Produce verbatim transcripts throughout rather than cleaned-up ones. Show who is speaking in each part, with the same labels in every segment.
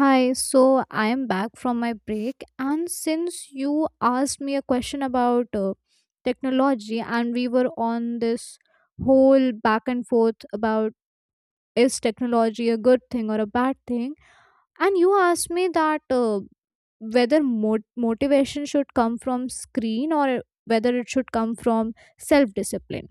Speaker 1: Hi, so I am back from my break, and since you asked me a question about uh, technology, and we were on this whole back and forth about is technology a good thing or a bad thing, and you asked me that uh, whether mot- motivation should come from screen or whether it should come from self discipline.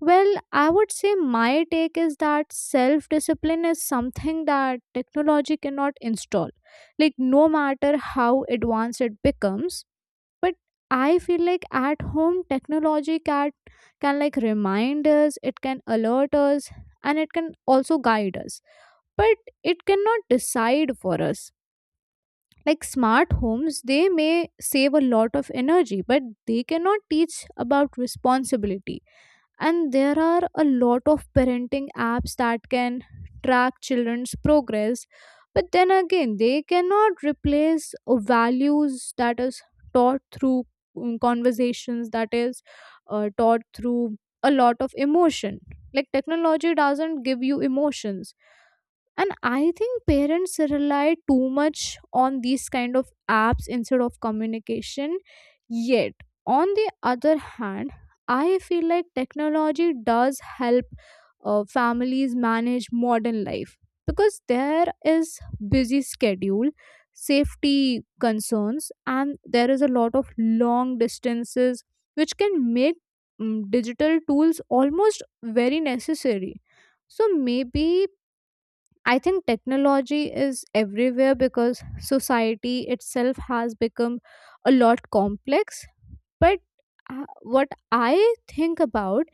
Speaker 1: Well, I would say my take is that self discipline is something that technology cannot install. Like, no matter how advanced it becomes, but I feel like at home, technology can, can like remind us, it can alert us, and it can also guide us. But it cannot decide for us. Like, smart homes, they may save a lot of energy, but they cannot teach about responsibility, and there are a lot of parenting apps that can track children's progress, but then again they cannot replace uh, values that is taught through mm, conversations that is uh, taught through a lot of emotion. Like, technology doesn't give you emotions, and I think parents rely too much on these kind of apps instead of communication. Yet, on the other hand, I feel like technology does help uh, families manage modern life, because there is busy schedule, safety concerns, and there is a lot of long distances, which can make mm, digital tools almost very necessary. So maybe I think technology is everywhere because society itself has become a lot complex. But uh, what I think about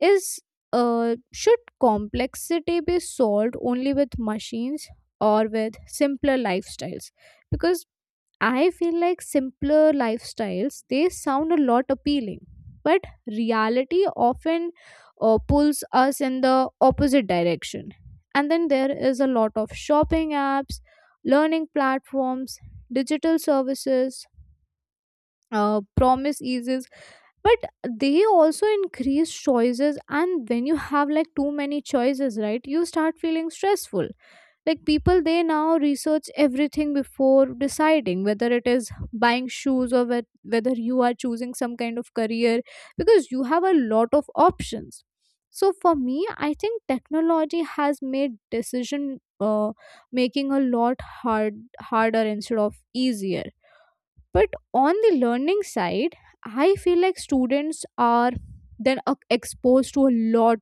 Speaker 1: is, uh, should complexity be solved only with machines or with simpler lifestyles? Because I feel like simpler lifestyles, they sound a lot appealing, but reality often uh, pulls us in the opposite direction. And then there is a lot of shopping apps, learning platforms, digital services, uh, promise eases, but they also increase choices, and when you have like too many choices, right, you start feeling stressful. Like, people they now research everything before deciding whether it is buying shoes or whe- whether you are choosing some kind of career, because you have a lot of options. So for me, I think technology has made decision uh, making a lot hard harder instead of easier. But on the learning side, I feel like students are then uh, exposed to a lot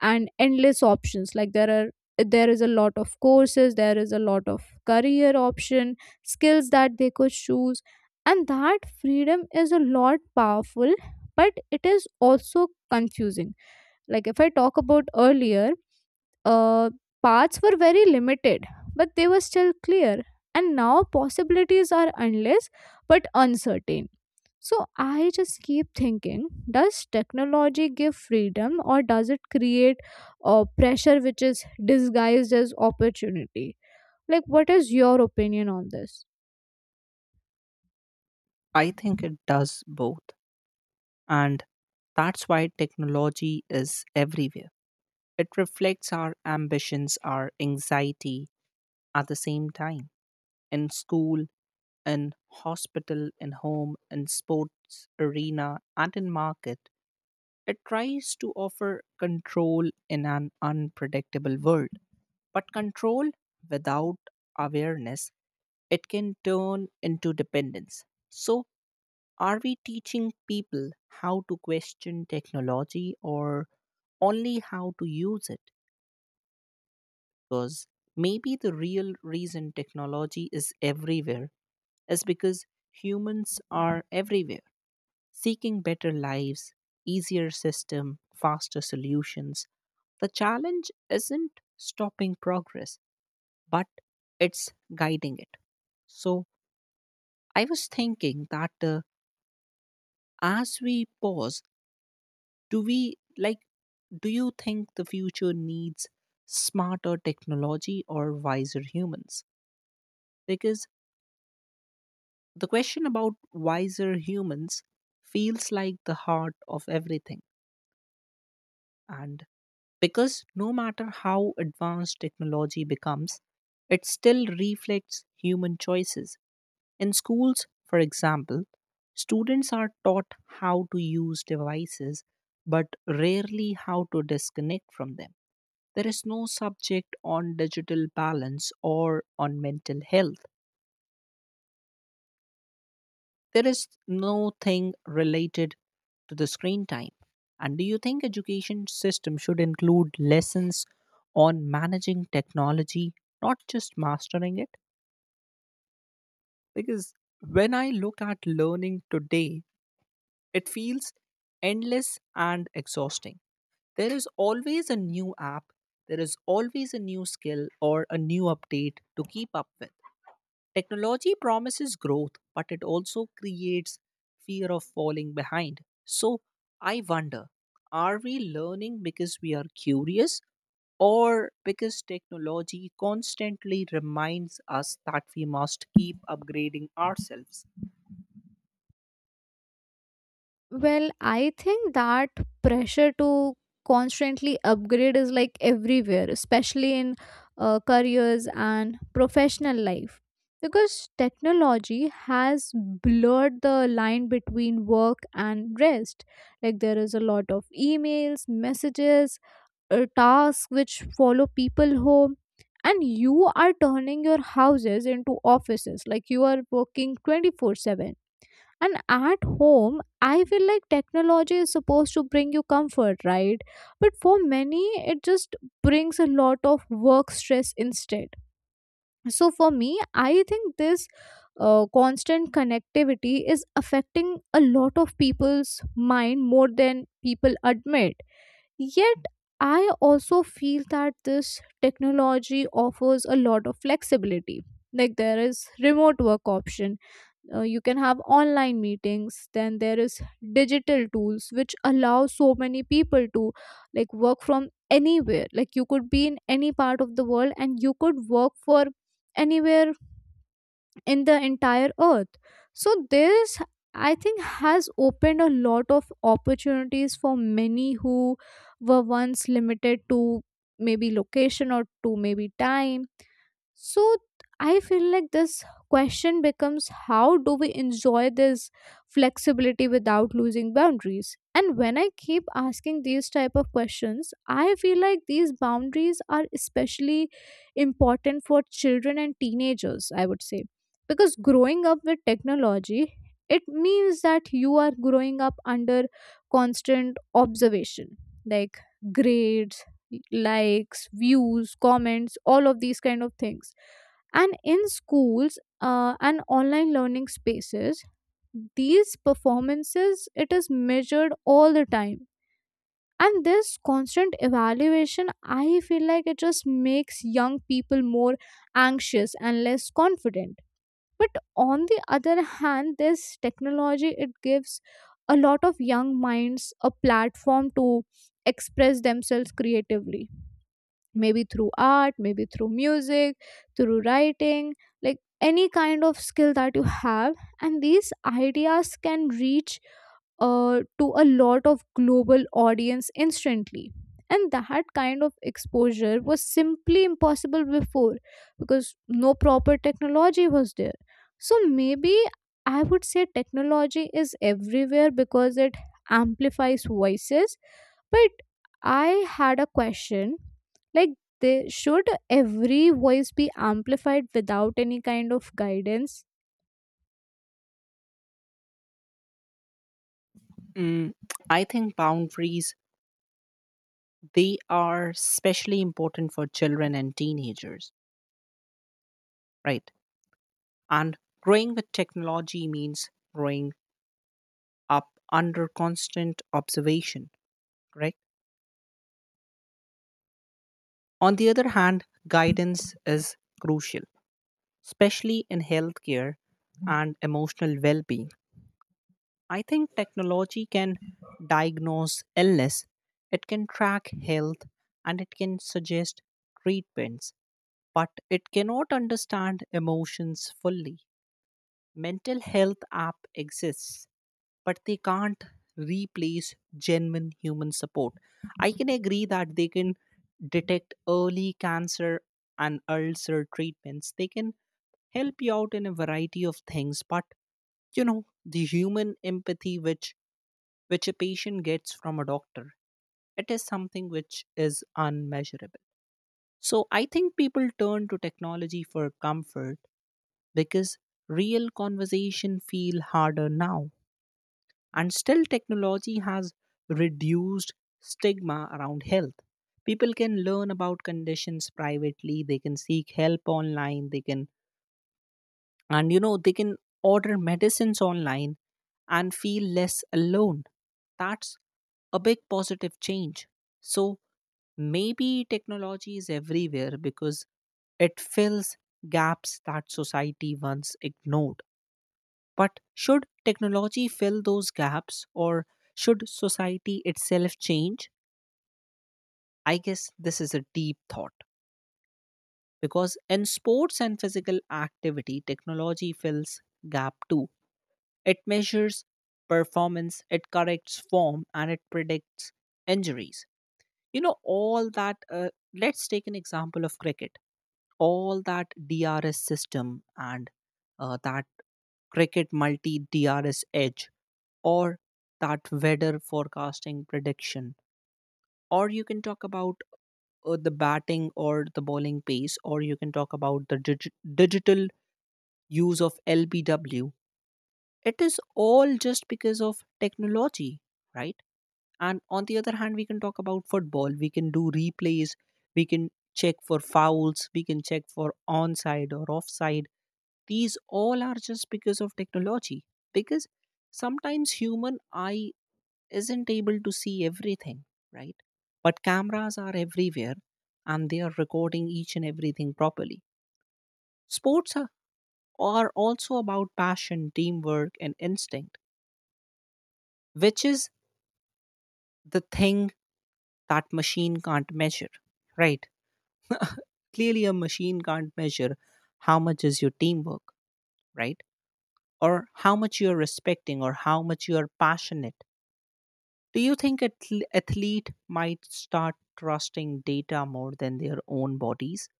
Speaker 1: and endless options. Like, there are there is a lot of courses, there is a lot of career option, skills that they could choose, and that freedom is a lot powerful, but it is also confusing. Like, if I talk about earlier, uh, paths were very limited, but they were still clear. And now possibilities are endless but uncertain. So I just keep thinking, does technology give freedom or does it create uh, pressure which is disguised as opportunity? Like, what is your opinion on this?
Speaker 2: I think it does both. And that's why technology is everywhere. It reflects our ambitions, our anxiety at the same time. In school, in hospital, in home, in sports arena, and in market, it tries to offer control in an unpredictable world. But control without awareness, it can turn into dependence. So, are we teaching people how to question technology or only how to use it? Because maybe the real reason technology is everywhere is because humans are everywhere seeking better lives, easier system, faster solutions. The challenge isn't stopping progress, but it's guiding it. So I was thinking that uh, as we pause, do we like do you think the future needs smarter technology or wiser humans, because the question about wiser humans feels like the heart of everything, and because no matter how advanced technology becomes, it still reflects human choices. In schools, for example, students are taught how to use devices but rarely how to disconnect from them. There is no subject on digital balance or on mental health. There is no thing related to the screen time. And do you think education system should include lessons on managing technology, not just mastering it? Because when I look at learning today, it feels endless and exhausting. There is always a new app, there is always a new skill or a new update to keep up with. Technology promises growth, but it also creates fear of falling behind. So I wonder, are we learning because we are curious or because technology constantly reminds us that we must keep upgrading ourselves?
Speaker 1: Well, I think that pressure to constantly upgrade is like everywhere, especially in uh, careers and professional life. Because technology has blurred the line between work and rest. Like, there is a lot of emails, messages, uh, tasks which follow people home. And you are turning your houses into offices. Like, you are working twenty four seven, and at home, I feel like technology is supposed to bring you comfort, right? But for many, it just brings a lot of work stress instead. So for me, I think this uh, constant connectivity is affecting a lot of people's mind more than people admit. Yet, I also feel that this technology offers a lot of flexibility. Like, there is remote work option, uh, you can have online meetings, then there is digital tools which allow so many people to like work from anywhere. Like, you could be in any part of the world and you could work for anywhere in the entire earth. So this, I think, has opened a lot of opportunities for many who were once limited to maybe location or to maybe time. So I feel like this question becomes, how do we enjoy this flexibility without losing boundaries? And when I keep asking these type of questions, I feel like these boundaries are especially important for children and teenagers, I would say. Because growing up with technology, it means that you are growing up under constant observation, like grades, likes, views, comments, all of these kind of things. And in schools uh, and online learning spaces, these performances, it is measured all the time. And this constant evaluation, I feel like, it just makes young people more anxious and less confident. But on the other hand, this technology, it gives a lot of young minds a platform to express themselves creatively, maybe through art, maybe through music, through writing, like any kind of skill that you have, and these ideas can reach uh, to a lot of global audience instantly. And that kind of exposure was simply impossible before, because no proper technology was there. So maybe I would say technology is everywhere because it amplifies voices. But I had a question, like, they, should every voice be amplified without any kind of guidance?
Speaker 2: Mm, I think boundaries, they are especially important for children and teenagers, right? And growing with technology means growing up under constant observation, correct? On the other hand, guidance is crucial, especially in healthcare and emotional well being. I think technology can diagnose illness, it can track health, and it can suggest treatments, but it cannot understand emotions fully. Mental health app exists but they can't replace genuine human support. I can agree that they can detect early cancer and ulcer treatments. They can help you out in a variety of things, but you know, the human empathy which which a patient gets from a doctor, it is something which is unmeasurable. So I think people turn to technology for comfort because real conversation feel harder now. And still, technology has reduced stigma around health. People can learn about conditions privately, they can seek help online, they can, and you know, they can order medicines online and feel less alone. That's a big positive change. So maybe technology is everywhere because it fills gaps that society once ignored. But should technology fill those gaps or should society itself change? I guess this is a deep thought because in sports and physical activity, technology fills gap too. It measures performance, it corrects form, and it predicts injuries. You know, all that, uh, let's take an example of cricket. All that D R S system and uh, that cricket multi D R S edge, or that weather forecasting prediction, or you can talk about uh, the batting or the bowling pace, or you can talk about the dig- digital use of L B W. It is all just because of technology, right? And on the other hand, we can talk about football. We can do replays, we can check for fouls, we can check for onside or offside. These all are just because of technology, because sometimes human eye isn't able to see everything, right? But cameras are everywhere, and they are recording each and everything properly. Sports are, are also about passion, teamwork, and instinct, which is the thing that machine can't measure, right? Clearly, a machine can't measure how much is your teamwork, right? Or how much you're respecting or how much you're passionate. Do you think athl- athlete might start trusting data more than their own bodies?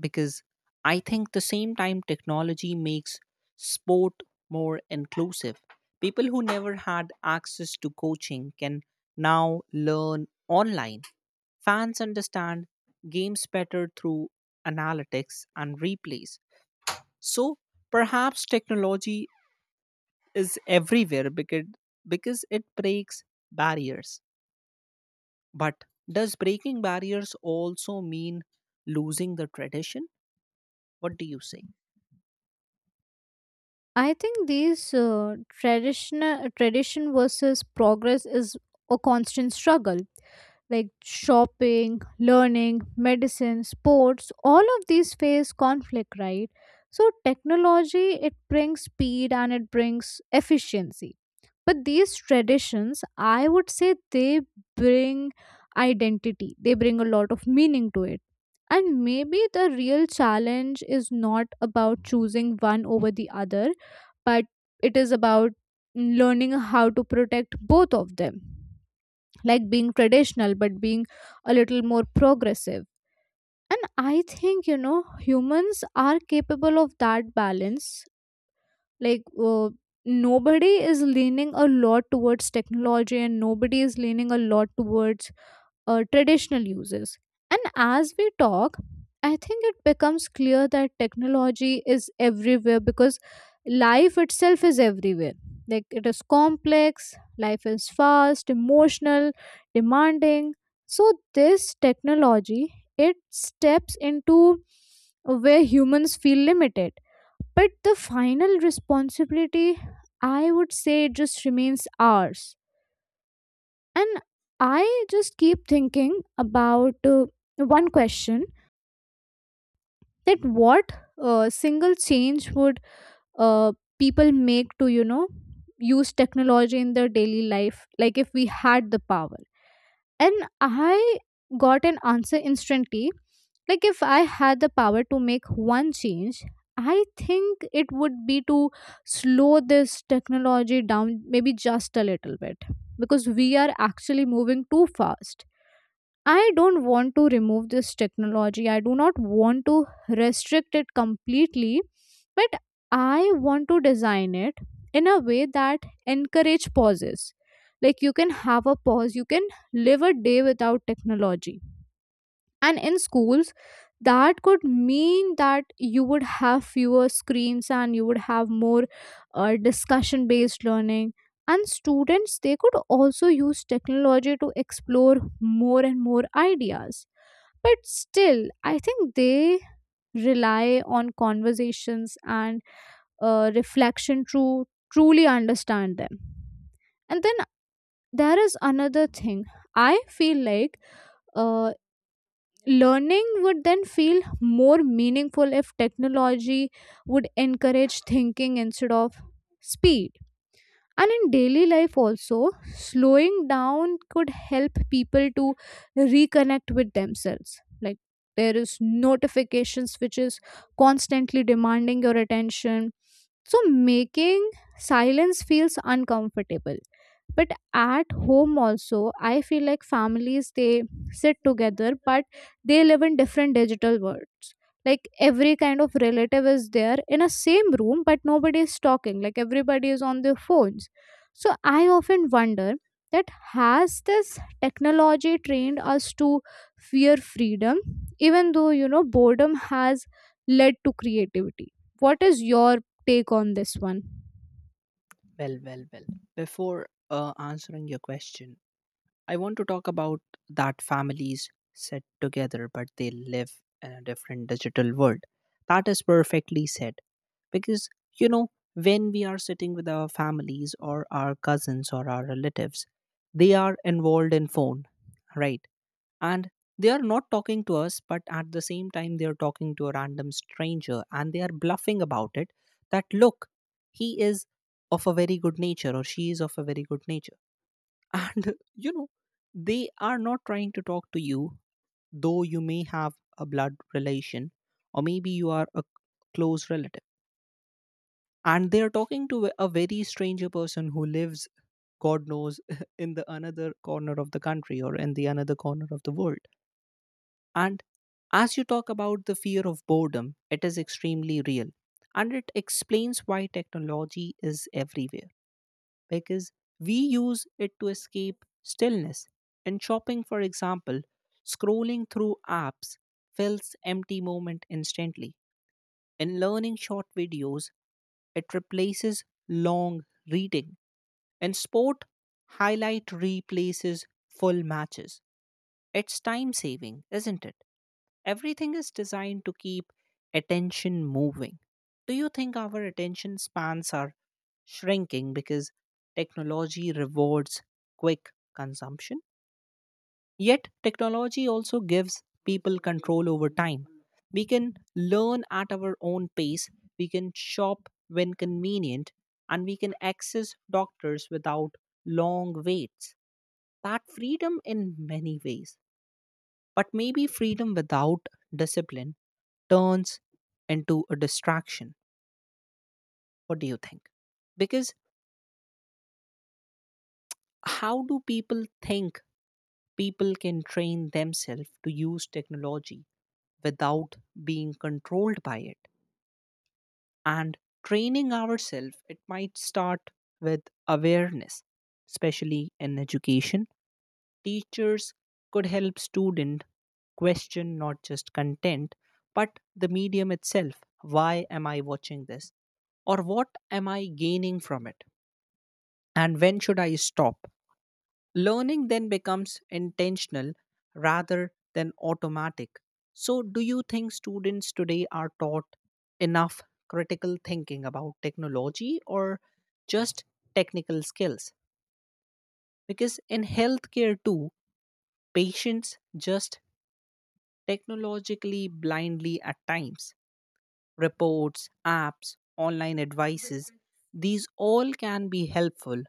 Speaker 2: Because I think the same time technology makes sport more inclusive. People who never had access to coaching can now learn online. Fans understand games better through analytics and replays. So perhaps technology is everywhere because, because it breaks barriers. But does breaking barriers also mean losing the tradition? What do you say?
Speaker 1: I think these uh, traditional tradition versus progress is a constant struggle. Like, shopping, learning, medicine, sports, all of these face conflict, right? So technology, it brings speed and it brings efficiency, but these traditions, I would say, they bring identity, they bring a lot of meaning to it. And maybe the real challenge is not about choosing one over the other, but it is about learning how to protect both of them, like being traditional but being a little more progressive. And I think, you know, humans are capable of that balance. Like, uh, nobody is leaning a lot towards technology and nobody is leaning a lot towards uh, traditional uses. And as we talk, I think it becomes clear that technology is everywhere because life itself is everywhere. Like, it is complex, life is fast, emotional, demanding. So this technology, it steps into where humans feel limited, but the final responsibility, I would say, it just remains ours. And I just keep thinking about uh, one question, that what uh, single change would uh, people make to, you know, use technology in their daily life, like if we had the power? And I got an answer instantly. Like, if I had the power to make one change, I think it would be to slow this technology down, maybe just a little bit, because we are actually moving too fast. I don't want to remove this technology. I do not want to restrict it completely, but I want to design it in a way that encourage pauses. Like, you can have a pause, you can live a day without technology. And in schools, that could mean that you would have fewer screens and you would have more uh, discussion based learning. And students, they could also use technology to explore more and more ideas, but still I think they rely on conversations and uh, reflection to truly understand them. And then there is another thing, I feel like, uh, learning would then feel more meaningful if technology would encourage thinking instead of speed. And in daily life, also, slowing down could help people to reconnect with themselves. Like, there is notifications which is constantly demanding your attention. So making silence feels uncomfortable. But at home also, I feel like families, they sit together, but they live in different digital worlds. Like, every kind of relative is there in a same room but nobody is talking, like everybody is on their phones. So I often wonder, that has this technology trained us to fear freedom, even though, you know, boredom has led to creativity? What is your take on this one?
Speaker 2: Well, well, well. Before uh, answering your question, I want to talk about that families sit together but they live in a different digital world. That is perfectly said. Because, you know, when we are sitting with our families or our cousins or our relatives, they are involved in phone, right? And they are not talking to us, but at the same time they are talking to a random stranger and they are bluffing about it, that look, he is of a very good nature or she is of a very good nature. And you know they are not trying to talk to you, though you may have a blood relation or maybe you are a close relative, and they are talking to a very stranger person who lives god knows in the another corner of the country or in the another corner of the world. And as you talk about the fear of boredom, it is extremely real. And it explains why technology is everywhere because we use it to escape stillness. In shopping, for example, scrolling through apps fills empty moment instantly. In learning short videos, it replaces long reading. In sport, highlight replaces full matches. It's time saving, isn't it? Everything is designed to keep attention moving. Do you think our attention spans are shrinking because technology rewards quick consumption? Yet, technology also gives people control over time. We can learn at our own pace, we can shop when convenient, and we can access doctors without long waits. That freedom, in many ways, but maybe freedom without discipline turns into a distraction. What do you think? Because how do people think people can train themselves to use technology without being controlled by it? And training ourselves, it might start with awareness, especially in education. Teachers could help student question not just content but the medium itself. Why am I watching this, or what am I gaining from it, and when should I stop? Learning then becomes intentional rather than automatic. So do you think students today are taught enough critical thinking about technology or just technical skills? Because in healthcare too, patients just technologically blindly at times. Reports, apps, online advices, these all can be helpful,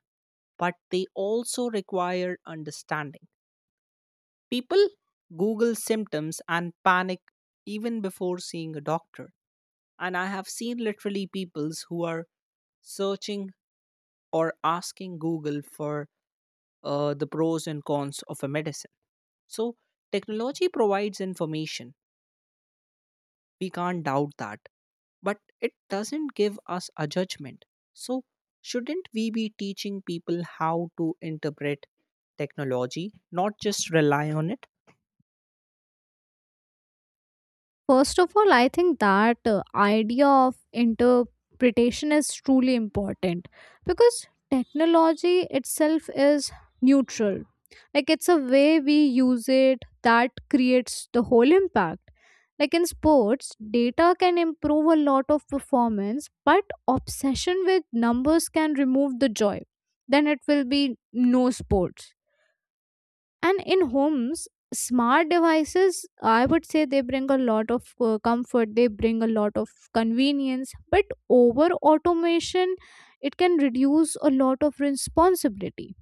Speaker 2: but they also require understanding. People Google symptoms and panic even before seeing a doctor. And I have seen literally peoples who are searching or asking Google for uh, the pros and cons of a medicine. So, technology provides information, we can't doubt that. But it doesn't give us a judgment. So, shouldn't we be teaching people how to interpret technology, not just rely on it?
Speaker 1: First of all, I think that uh, idea of interpretation is truly important, because technology itself is neutral. Like, it's a way we use it that creates the whole impact. Like in sports, data can improve a lot of performance, but obsession with numbers can remove the joy. Then it will be no sports, and in homes, smart devices, I would say they bring a lot of uh, comfort. They bring a lot of convenience, but over automation, it can reduce a lot of responsibility.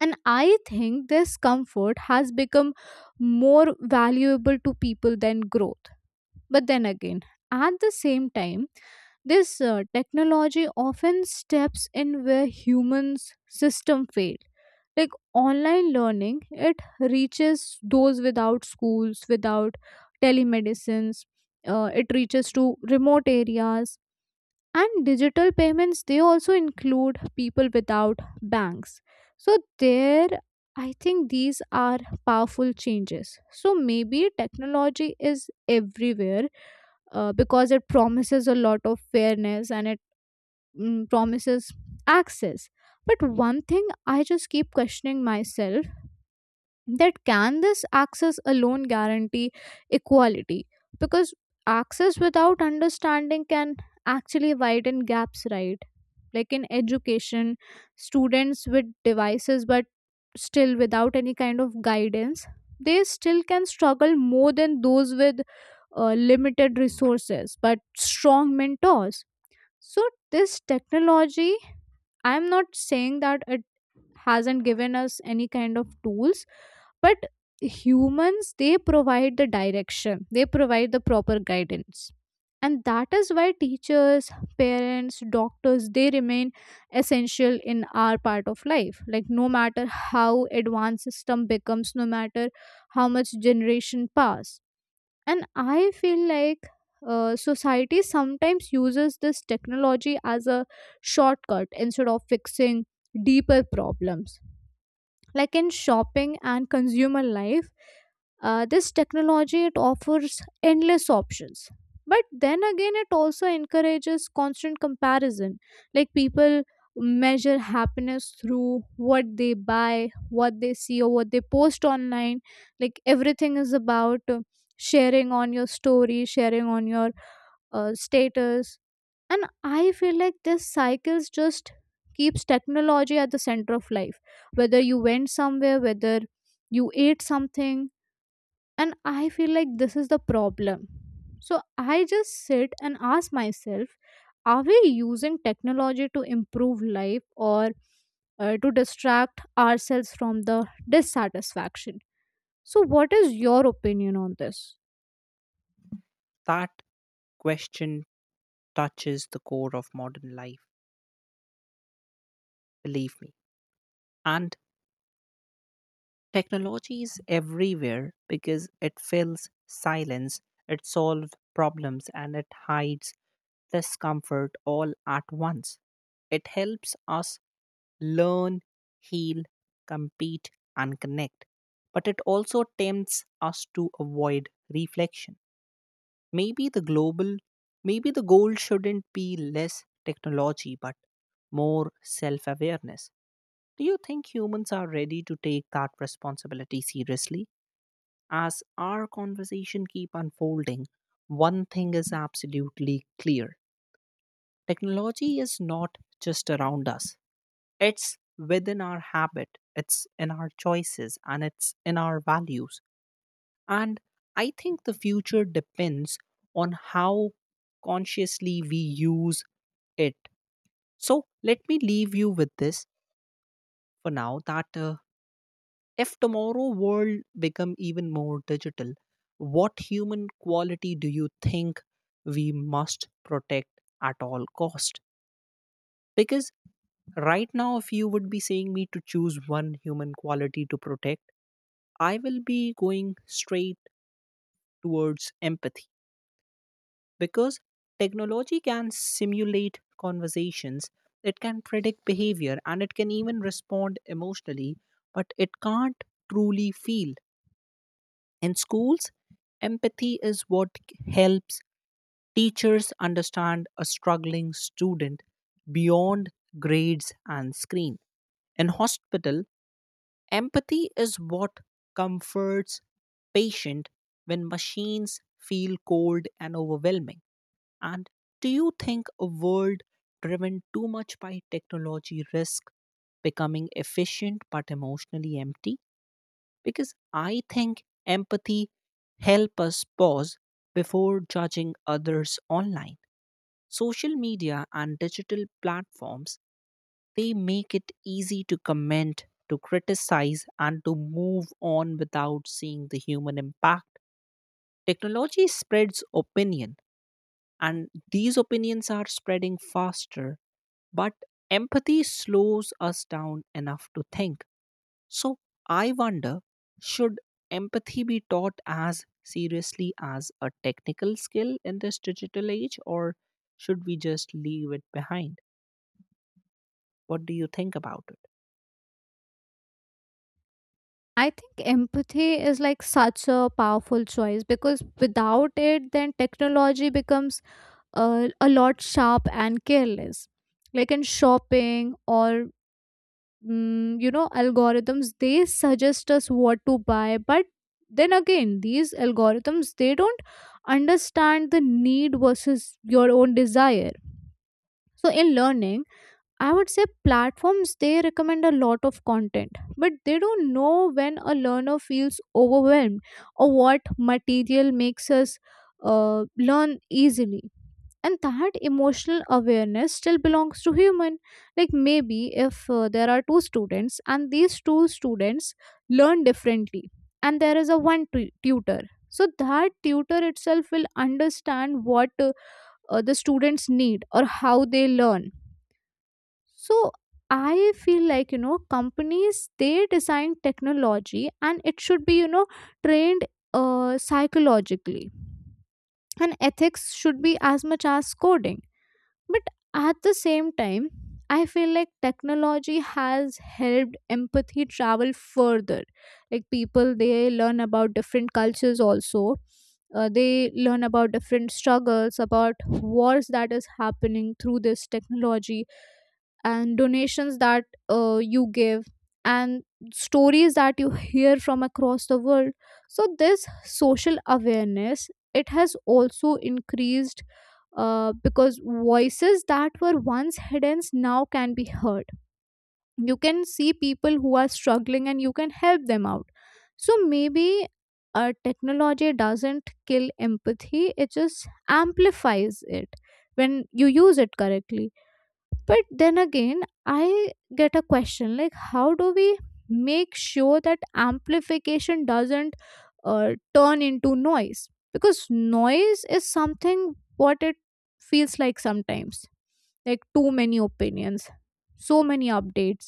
Speaker 1: And I think this comfort has become more valuable to people than growth. But then again, at the same time, this uh, technology often steps in where humans system fail. Like online learning, it reaches those without schools, without telemedicines. Uh, it reaches to remote areas, and digital payments, they also include people without banks. So there, I think these are powerful changes. So maybe technology is everywhere uh, because it promises a lot of fairness, and it mm, promises access. But one thing I just keep questioning myself, that can this access alone guarantee equality? Because access without understanding can actually widen gaps, right? Like in education, students with devices but still without any kind of guidance, they still can struggle more than those with uh, limited resources but strong mentors. So this technology, I'm not saying that it hasn't given us any kind of tools, but humans, they provide the direction, they provide the proper guidance. And that is why teachers, parents, doctors, they remain essential in our part of life, like no matter how advanced system becomes, no matter how much generation pass. And I feel like uh, society sometimes uses this technology as a shortcut instead of fixing deeper problems. Like in shopping and consumer life, uh, this technology, it offers endless options, but then again, it also encourages constant comparison. Like people measure happiness through what they buy, what they see, or what they post online. Like everything is about uh, sharing on your story, sharing on your uh, status. And I feel like this cycles just keeps technology at the center of life, whether you went somewhere, whether you ate something. And I feel like this is the problem. So I just sit and ask myself, are we using technology to improve life, or uh, to distract ourselves from the dissatisfaction? So what is your opinion on this?
Speaker 2: That question touches the core of modern life, believe me. And technology is everywhere because it fills silence, it solves problems, and it hides discomfort all at once. It helps us learn, heal, compete, and connect. But it also tempts us to avoid reflection. Maybe the global, Maybe the goal shouldn't be less technology but more self awareness. Do you think humans are ready to take that responsibility seriously? As our conversation keep unfolding, one thing is absolutely clear. Technology is not just around us. It's within our habit, it's in our choices, and it's in our values. And I think the future depends on how consciously we use it. So let me leave you with this for now that uh, if tomorrow world become even more digital, what human quality do you think we must protect at all cost? Because right now, if you would be saying me to choose one human quality to protect, I will be going straight towards empathy because technology can simulate conversations, it can predict behavior, and it can even respond emotionally, but it can't truly feel. In schools, empathy is what helps teachers understand a struggling student beyond grades and screen. In hospital, empathy is what comforts patient when machines feel cold and overwhelming. And do you think a world driven too much by technology risk becoming efficient but emotionally empty? Because I think empathy help us pause before judging others online. Social media and digital platforms, they make it easy to comment, to criticize, and to move on without seeing the human impact. Technology spreads opinion, and these opinions are spreading faster, but empathy slows us down enough to think. So I wonder, should empathy be taught as seriously as a technical skill in this digital age, or should we just leave it behind? What do you think about it?
Speaker 1: I think empathy is like such a powerful choice, because without it, then technology becomes uh, a lot sharp and careless. Like in shopping or, mm, you know, algorithms, they suggest us what to buy. But then again, these algorithms, they don't understand the need versus your own desire. So in learning, I would say platforms they recommend a lot of content, but they don't know when a learner feels overwhelmed or what material makes us uh, learn easily. And that emotional awareness still belongs to human. Like maybe if uh, there are two students, and these two students learn differently, and there is a one tu- tutor. So that tutor itself will understand what uh, uh, the students need or how they learn. So I feel like you know companies they design technology, and it should be you know trained uh, psychologically, and ethics should be as much as coding. But at the same time, I feel like technology has helped empathy travel further. Like people they learn about different cultures also. Uh, they learn about different struggles, about wars that is happening through this technology, and donations that uh, you give, and stories that you hear from across the world. So this social awareness, it has also increased uh, because voices that were once hidden now can be heard. You can see people who are struggling, and you can help them out. So maybe uh, technology doesn't kill empathy, it just amplifies it when you use it correctly. But then again, I get a question like, how do we make sure that amplification doesn't uh, turn into noise? Because noise is something what it feels like sometimes, like too many opinions, so many updates,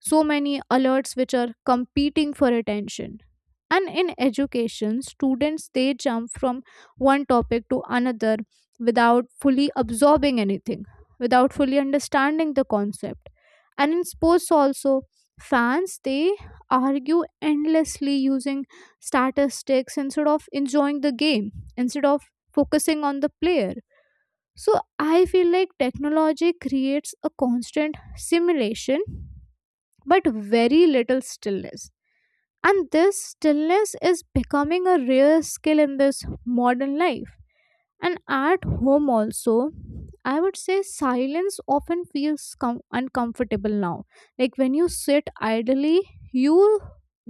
Speaker 1: so many alerts which are competing for attention. And in education, students they jump from one topic to another without fully absorbing anything, without fully understanding the concept. And in sports also, fans they argue endlessly using statistics instead of enjoying the game, instead of focusing on the player. So I feel like technology creates a constant simulation, but very little stillness. And this stillness is becoming a rare skill in this modern life. And at home, also, I would say silence often feels com- uncomfortable now. Like when you sit idly, you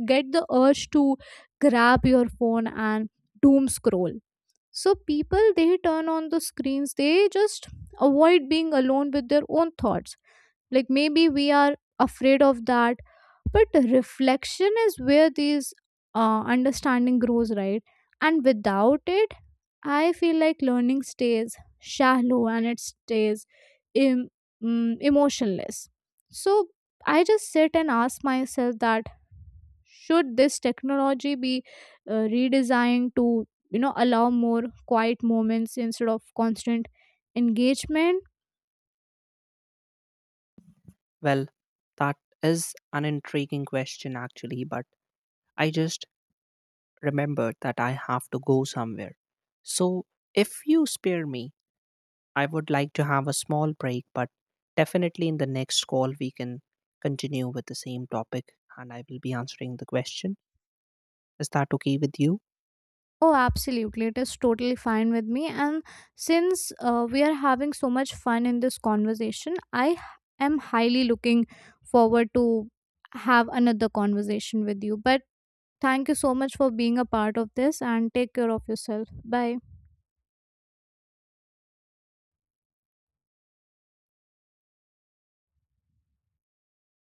Speaker 1: get the urge to grab your phone and doom scroll. So people they turn on the screens, they just avoid being alone with their own thoughts. Like maybe we are afraid of that. But reflection is where these uh, understanding grows, right? And without it, I feel like learning stays shallow, and it stays em- mm, emotionless. So I just sit and ask myself that, should this technology be uh, redesigned to you know allow more quiet moments instead of constant engagement?
Speaker 2: Well, that is an intriguing question, actually, but I just remembered that I have to go somewhere. So if you spare me, I would like to have a small break, but definitely in the next call, we can continue with the same topic and I will be answering the question. Is that okay with you?
Speaker 1: Oh, absolutely, it is totally fine with me. And since uh, we are having so much fun in this conversation, i h- am highly looking forward to have another conversation with you. But thank you so much for being a part of this, and take care of yourself. Bye.